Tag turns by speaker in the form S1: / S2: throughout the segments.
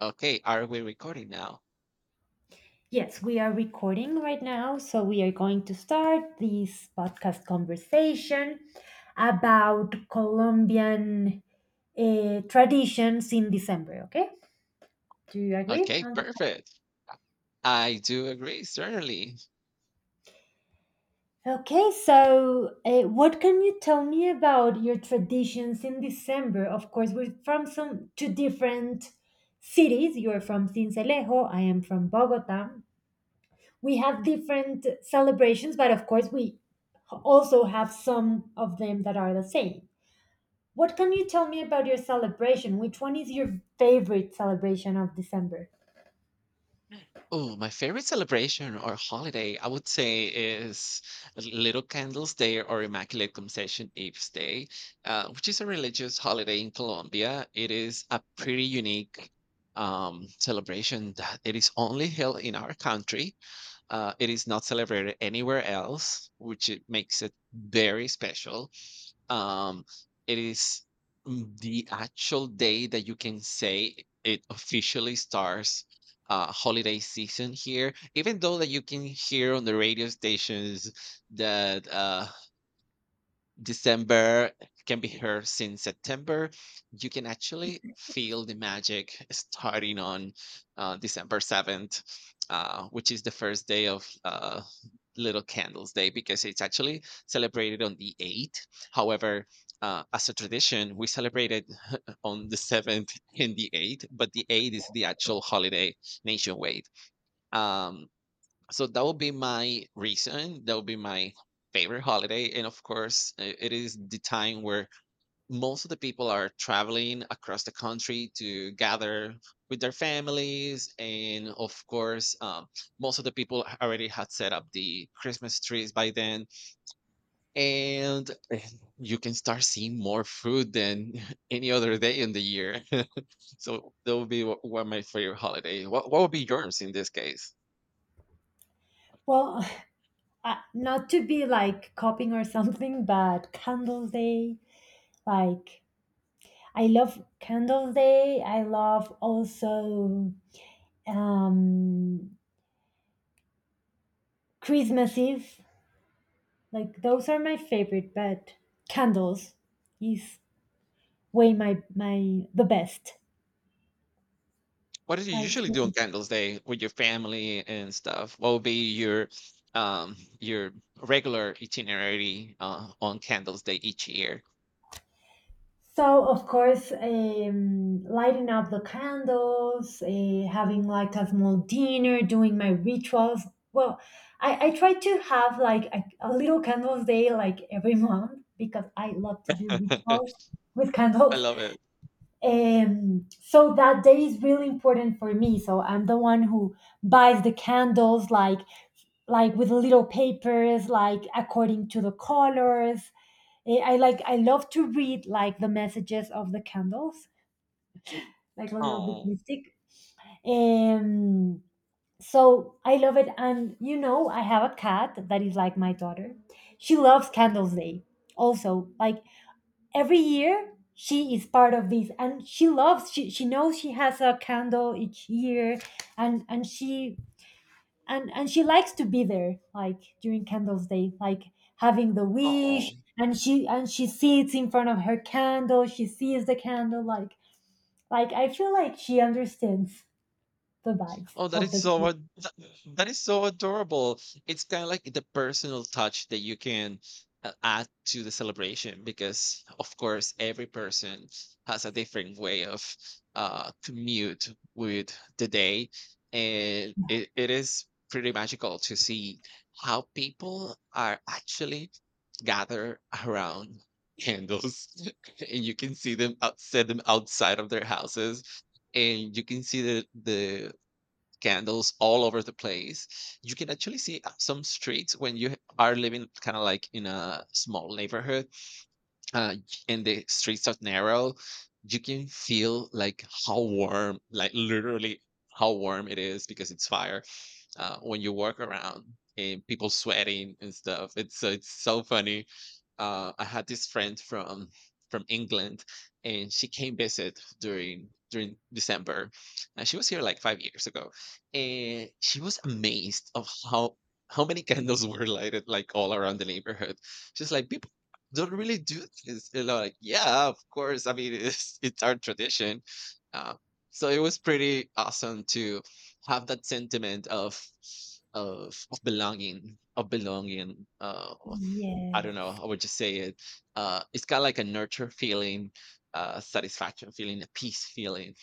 S1: Okay, are we recording now?
S2: Yes, we are recording right now. So we are going to start this podcast conversation about Colombian traditions in December. Okay. Do you agree
S1: Okay,
S2: on the
S1: perfect. I do agree, certainly.
S2: okay, so what can you tell me about your traditions in December? Of course, we're from some two different cities. You're from Cincelejo, I am from Bogota. We have different celebrations, but of course, we also have some of them that are the same. What can you tell me about your celebration? Which one is your favorite celebration of December?
S1: Oh, my favorite celebration or holiday, I would say, is Little Candles Day or Immaculate Conception Eve's Day, which is a religious holiday in Colombia. It is a pretty unique celebration that it is only held in our country. It is not celebrated anywhere else, which it makes it very special. Um, it is the actual day that you can say it officially starts holiday season here, even though that you can hear on the radio stations that December can be here since September. You can actually feel the magic starting on December 7th, which is the first day of Little Candles Day, because it's actually celebrated on the 8th. However, as a tradition, we celebrated on the 7th and the 8th, but the 8th is the actual holiday nationwide. Um, so that would be my reason that would be my favorite holiday. And of course, it is the time where most of the people are traveling across the country to gather with their families, and of course most of the people already had set up the christmas trees by then, and you can start seeing more food than any other day in the year. so that would be wh- One of my favorite holiday. What would be yours in this case?
S2: Well, not to be like copying or something, but Candles Day, like I love Candles Day. I love also um, Christmas Eve. Like those are my favorite, but candles is way my the best.
S1: What do you
S2: Like
S1: usually do on Candles Day with your family and stuff? What would be your regular itinerary on Candles Day each year?
S2: so, of course, lighting up the candles, having like a small dinner, doing my rituals. Well, I try to have like a little candles day like every month because I love to do rituals with
S1: I
S2: candles.
S1: love it.
S2: So that day is really important for me. So I'm the one who buys the candles, like with little papers, like according to the colors. I like I love to read like the messages of the candles, like a little bit
S1: Oh,
S2: mystic. Um so I love it, and you know I have a cat that is like my daughter. She loves Candles Day. Also, like every year she is part of this and she loves she knows she has a candle each year, and she and she likes to be there like during candles day, like having the wish,
S1: oh.
S2: and she sits in front of her candle. She sees the candle like I feel like she understands the vibes
S1: Oh, that
S2: of
S1: is
S2: the
S1: so
S2: day.
S1: that is so adorable. It's kind of like the personal touch that you can add to the celebration, because, of course, every person has a different way of commute with the day, and it is pretty magical to see how people are actually gather around candles, and you can see them out, set them outside of their houses, and you can see the candles all over the place. You can actually see some streets when you are living kind of like in a small neighborhood, uh, and the streets are narrow. You can feel like how warm, like literally how warm it is, because it's fire when you walk around and people sweating and stuff. It's so funny. I had this friend from England, and she came visit during December, and she was here like 5 years ago, and she was amazed of how many candles were lighted like all around the neighborhood. She's like, people don't really do this. And I'm like, yeah, of course. I mean, it's our tradition. Uh, so it was pretty awesome to have that sentiment of of belonging. I don't know,
S2: Yes.
S1: I would just say it? It's kinda like a nurture feeling, satisfaction feeling, a peace feeling.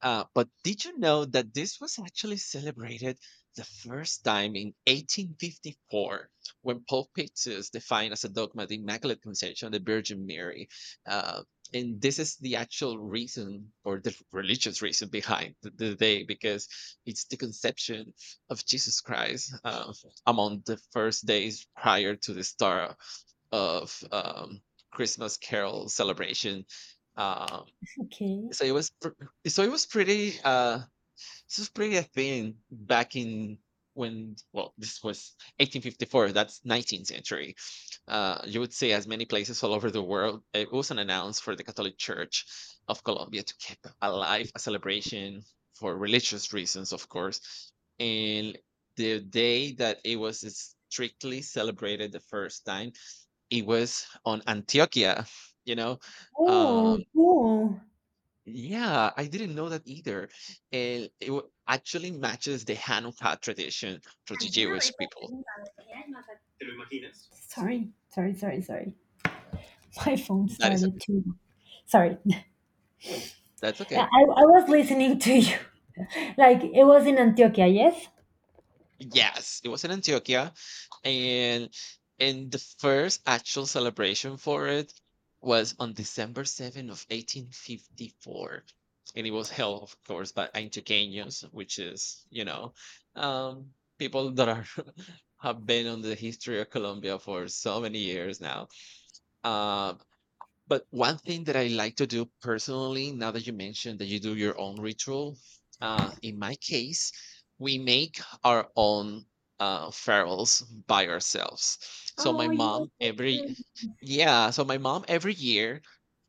S1: But did you know that this was actually celebrated the first time in 1854, when Pope Pius defined as a dogma the Immaculate Conception of the Virgin Mary? Uh, and this is the actual reason, or the religious reason behind the day, because it's the conception of Jesus Christ among the first days prior to the star of Christmas Carol celebration. Um,
S2: Okay.
S1: so it was pr- so it was pretty this was pretty a thing back in when, well, this was 1854. That's 19th century. You would see as many places all over the world. It was an announce for the catholic church of colombia to keep alive a celebration for religious reasons, of course. And the day that it was strictly celebrated the first time, it was on Antioquia, you know.
S2: Oh,
S1: Um,
S2: cool.
S1: yeah, I didn't know that either. And it actually matches the Hanukkah tradition for the
S2: ¿Alguna vez
S1: Jewish
S2: has
S1: people.
S2: preguntado qué hay más aquí? Sorry. My phone
S1: That is
S2: started
S1: okay.
S2: to. Sorry.
S1: That's
S2: i,
S1: okay.
S2: I was listening to you. Like it was in antioquia, yes.
S1: Yes, it was in Antioquia, and the first actual celebration for it was on December 7th of 1854, and it was held, of course, by Antioqueños, which is, you know, um people that are have been on the history of Colombia for so many years now. Uh, but one thing that I like to do personally, now that you mentioned that you do your own ritual, in my case, we make our own ferals by ourselves. So my
S2: Oh, yes.
S1: mom every yeah, so my mom every year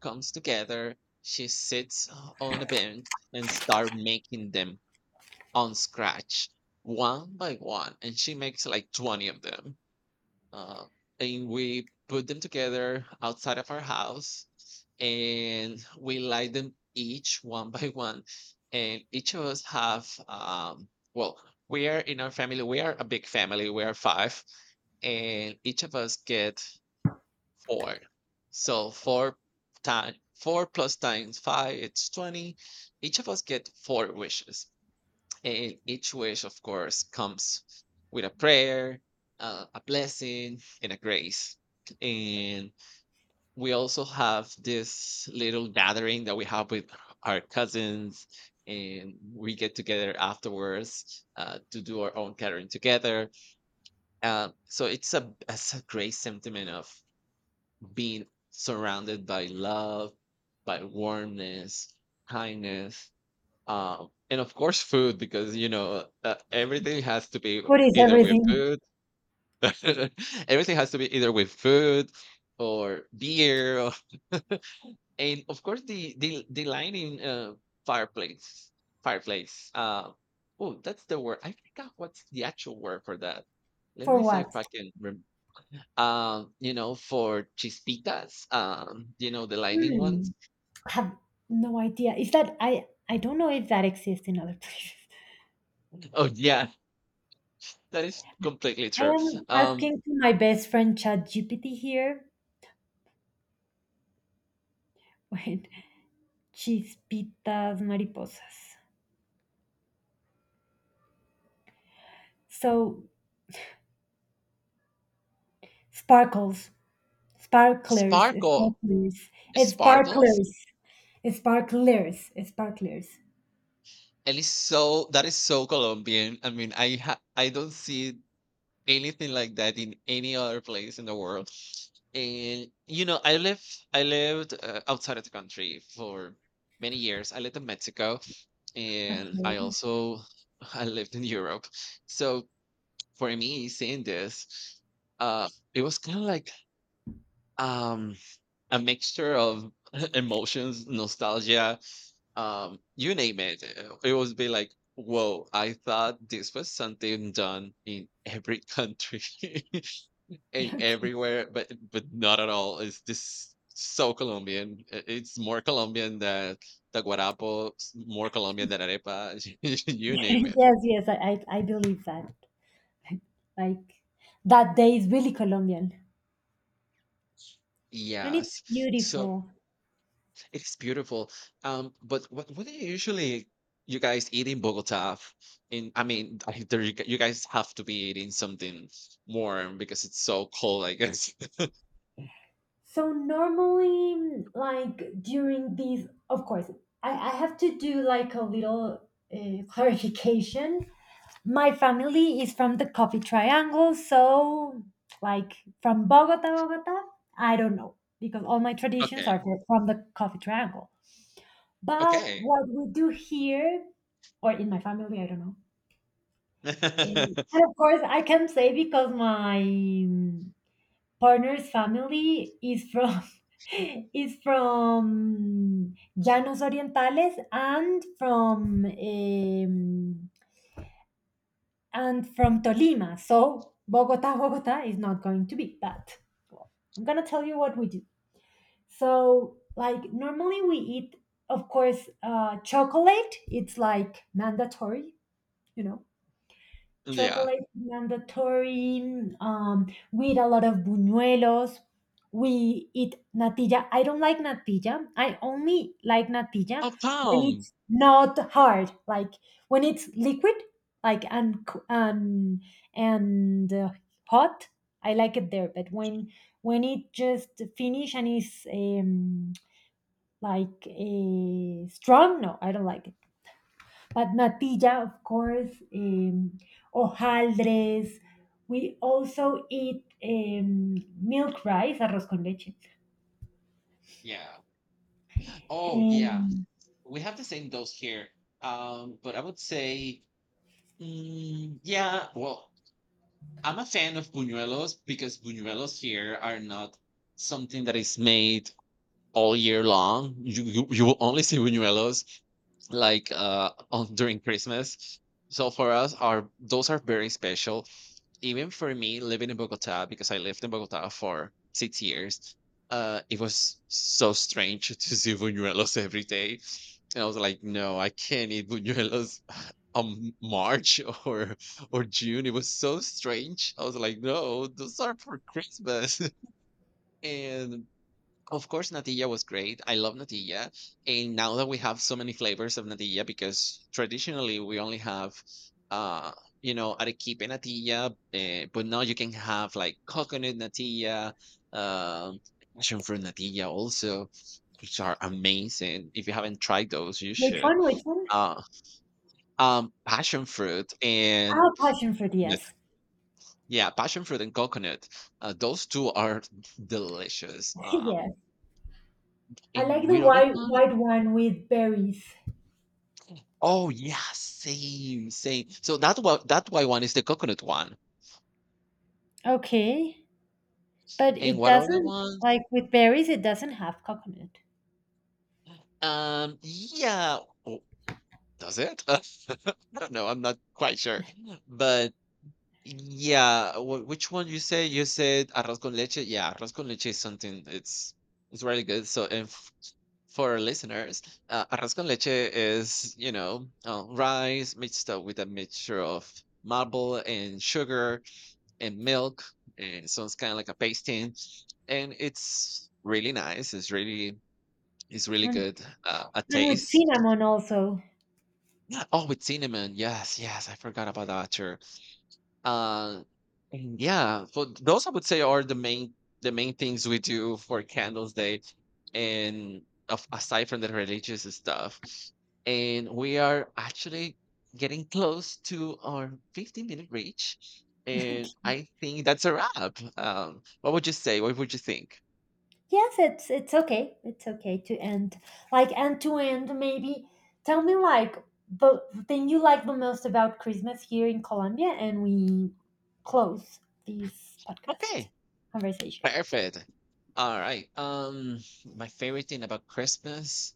S1: comes together. She sits on a bench and start making them on scratch, one by one, and she makes like 20 of them, uh, and we put them together outside of our house, and we light them each one by one. And each of us have well we are in our family. We are a big family, we are five, and each of us get four. So four time four plus times five, it's 20. Each of us get four wishes, and each wish, of course, comes with a prayer, a blessing, and a grace. And we also have this little gathering that we have with our cousins, and we get together afterwards to do our own gathering together. So it's a great sentiment of being surrounded by love, by warmness, kindness, and of course, food, because you know everything has to be
S2: Food is
S1: either with
S2: everything.
S1: food. Everything has to be either with food, or beer, or, and of course the the lining, fireplace. fireplace. Uh, oh, that's the word. I forgot what's the actual word for that. Let
S2: For
S1: me see
S2: what?
S1: if I can. You know, for chispitas. You know, the lining
S2: Hmm.
S1: ones.
S2: I have no idea. Is that I? I don't know if that exists in other places.
S1: Oh yeah, that is completely
S2: I
S1: true.
S2: am
S1: Um,
S2: asking to my best friend ChatGPT here. Wait, chispitas mariposas. So sparkles, sparklers,
S1: sparkle.
S2: sparklers,
S1: Sparkles?
S2: sparklers, sparklers, sparklers.
S1: And it's so, that is so Colombian. I mean, I don't see anything like that in any other place in the world. And you know, I lived outside of the country for many years. I lived in Mexico, and I
S2: Okay.
S1: also I lived in Europe. So for me, seeing this, it was kind of like um a mixture of emotions, nostalgia, you name it. It was be like, whoa, I thought this was something done in every country. And
S2: Okay.
S1: everywhere. But not at all. It's this so colombian. It's more colombian than more colombian than arepa. You name it.
S2: Yes, yes, I believe that. Like that day is really Colombian, and it's
S1: Yes. So
S2: beautiful.
S1: it's beautiful. But what are you usually you guys eat in Bogota? F- In I mean, there you, you guys have to be eating something warm because it's so cold, I guess.
S2: So normally, mm, like during these, of course, I have to do like a little clarification. My family is from the Coffee Triangle, so like from Bogota, Bogota, I don't know because all my traditions are
S1: Okay.
S2: from the Coffee Triangle. But
S1: Okay.
S2: what we do here, or in my family, I don't know. And of course, I can say because my partner's family is from is from Llanos Orientales and from Tolima. So Bogota, Bogota is not going to be that. Well, I'm gonna tell you what we do. So like normally we eat, of course, chocolate. It's like mandatory, you know,
S1: Yeah.
S2: chocolate mandatory. We eat a lot of buñuelos. We eat natilla. I don't like natilla. I only like natilla
S1: Oh,
S2: when
S1: palm.
S2: it's not hard, like when it's liquid, like and hot. I like it there, but when it just finish and is like a strong, no, I don't like it, but natilla, of course, hojaldres. We also eat milk rice, arroz con leche.
S1: Yeah. Oh, yeah.
S2: Um,
S1: We have the same dose here. But I would say, mm, yeah. Well, I'm a fan of buñuelos, because buñuelos here are not something that is made all year long. You will only see buñuelos like on during Christmas. So for us, our those are very special. Even for me, living in Bogota, because I lived in Bogota for 6 years, it was so strange to see buñuelos every day. And I was like, no, I can't eat buñuelos on March or June. It was so strange. I was like, no, those are for Christmas. And of course, natilla was great. I love natilla. And now that we have so many flavors of natilla, because traditionally we only have, uh, you know, arequipe natilla, but now you can have like coconut natilla, um, passion fruit natilla also, which are amazing. If you haven't tried those, you
S2: which
S1: should.
S2: one? Which one?
S1: Uh, passion fruit and
S2: Ah, passion fruit.
S1: coconut.
S2: Yes,
S1: Yeah, passion fruit and coconut. Those two are delicious.
S2: yes. I
S1: And
S2: like the
S1: with other
S2: white
S1: one,
S2: white one with berries.
S1: oh, yeah, same, same. So that one, that white one, is the coconut one.
S2: Okay, but
S1: And
S2: it
S1: what other
S2: doesn't
S1: ones?
S2: like with berries. It doesn't have coconut,
S1: Yeah. Oh, does it? I don't know. I'm not quite sure. But yeah, which one you say? You said arroz con leche. Yeah, arroz con leche is something. It's really good. So and for our listeners, arroz con leche is, you know, rice mixed up with a mixture of marble and sugar and milk, and so it's kind of like a pasting, and it's really nice. It's really
S2: and
S1: good. A
S2: and with
S1: taste.
S2: cinnamon also.
S1: Yeah. Oh, with cinnamon. Yes, yes. I forgot about that. Sure. Uh, and yeah, so those I would say are the main things we do for Candles Day, and of, aside from the religious stuff, and we are actually getting close to our 15-minute reach, and I think that's a wrap. What would you say? What would you think?
S2: Yes, it's okay. It's okay to end like end to end. Maybe tell me like the thing you like the most about Christmas here in Colombia, and we close this podcast
S1: Okay,
S2: conversation.
S1: perfect. All right. My favorite thing about Christmas,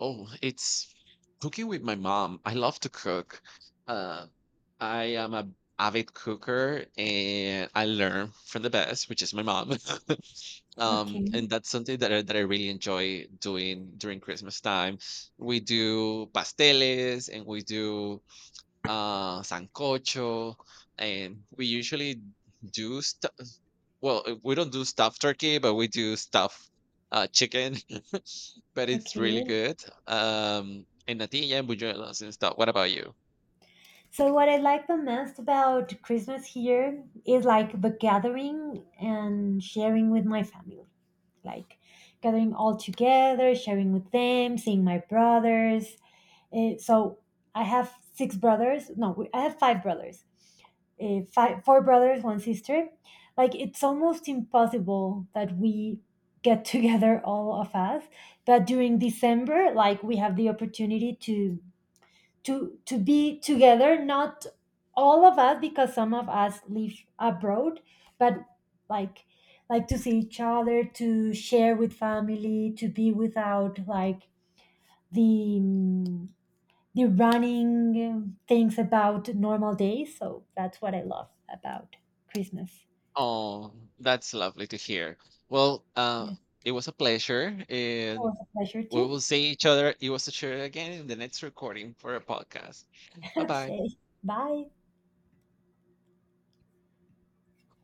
S1: oh, it's cooking with my mom. I love to cook. Um, I am a avid cooker, and I learn from the best, which is my mom. Um,
S2: Okay,
S1: and that's something that I really enjoy doing during Christmas time. We do pasteles, and we do sancocho, and we usually do stuff we don't do stuffed turkey, but we do stuffed chicken. But it's really
S2: okay.
S1: good. And natilla and buñuelos and stuff. What about you?
S2: So what I like the most about Christmas here is like the gathering and sharing with my family, like gathering all together, sharing with them, seeing my brothers. So I have six brothers. No, I have five brothers. Five, four brothers, one sister. Like it's almost impossible that we get together, all of us. But during December, like we have the opportunity to to be together. Not all of us, because some of us live abroad, but like like to see each other, to share with family, to be without like the mm, the running things about normal days. So that's what I love about Christmas.
S1: Oh, that's lovely to hear. Well,
S2: Yes.
S1: it was a pleasure,
S2: It was
S1: and
S2: a pleasure
S1: we
S2: too.
S1: will see each other. It was a pleasure again in the next recording for a podcast. Bye bye.
S2: Okay. Bye.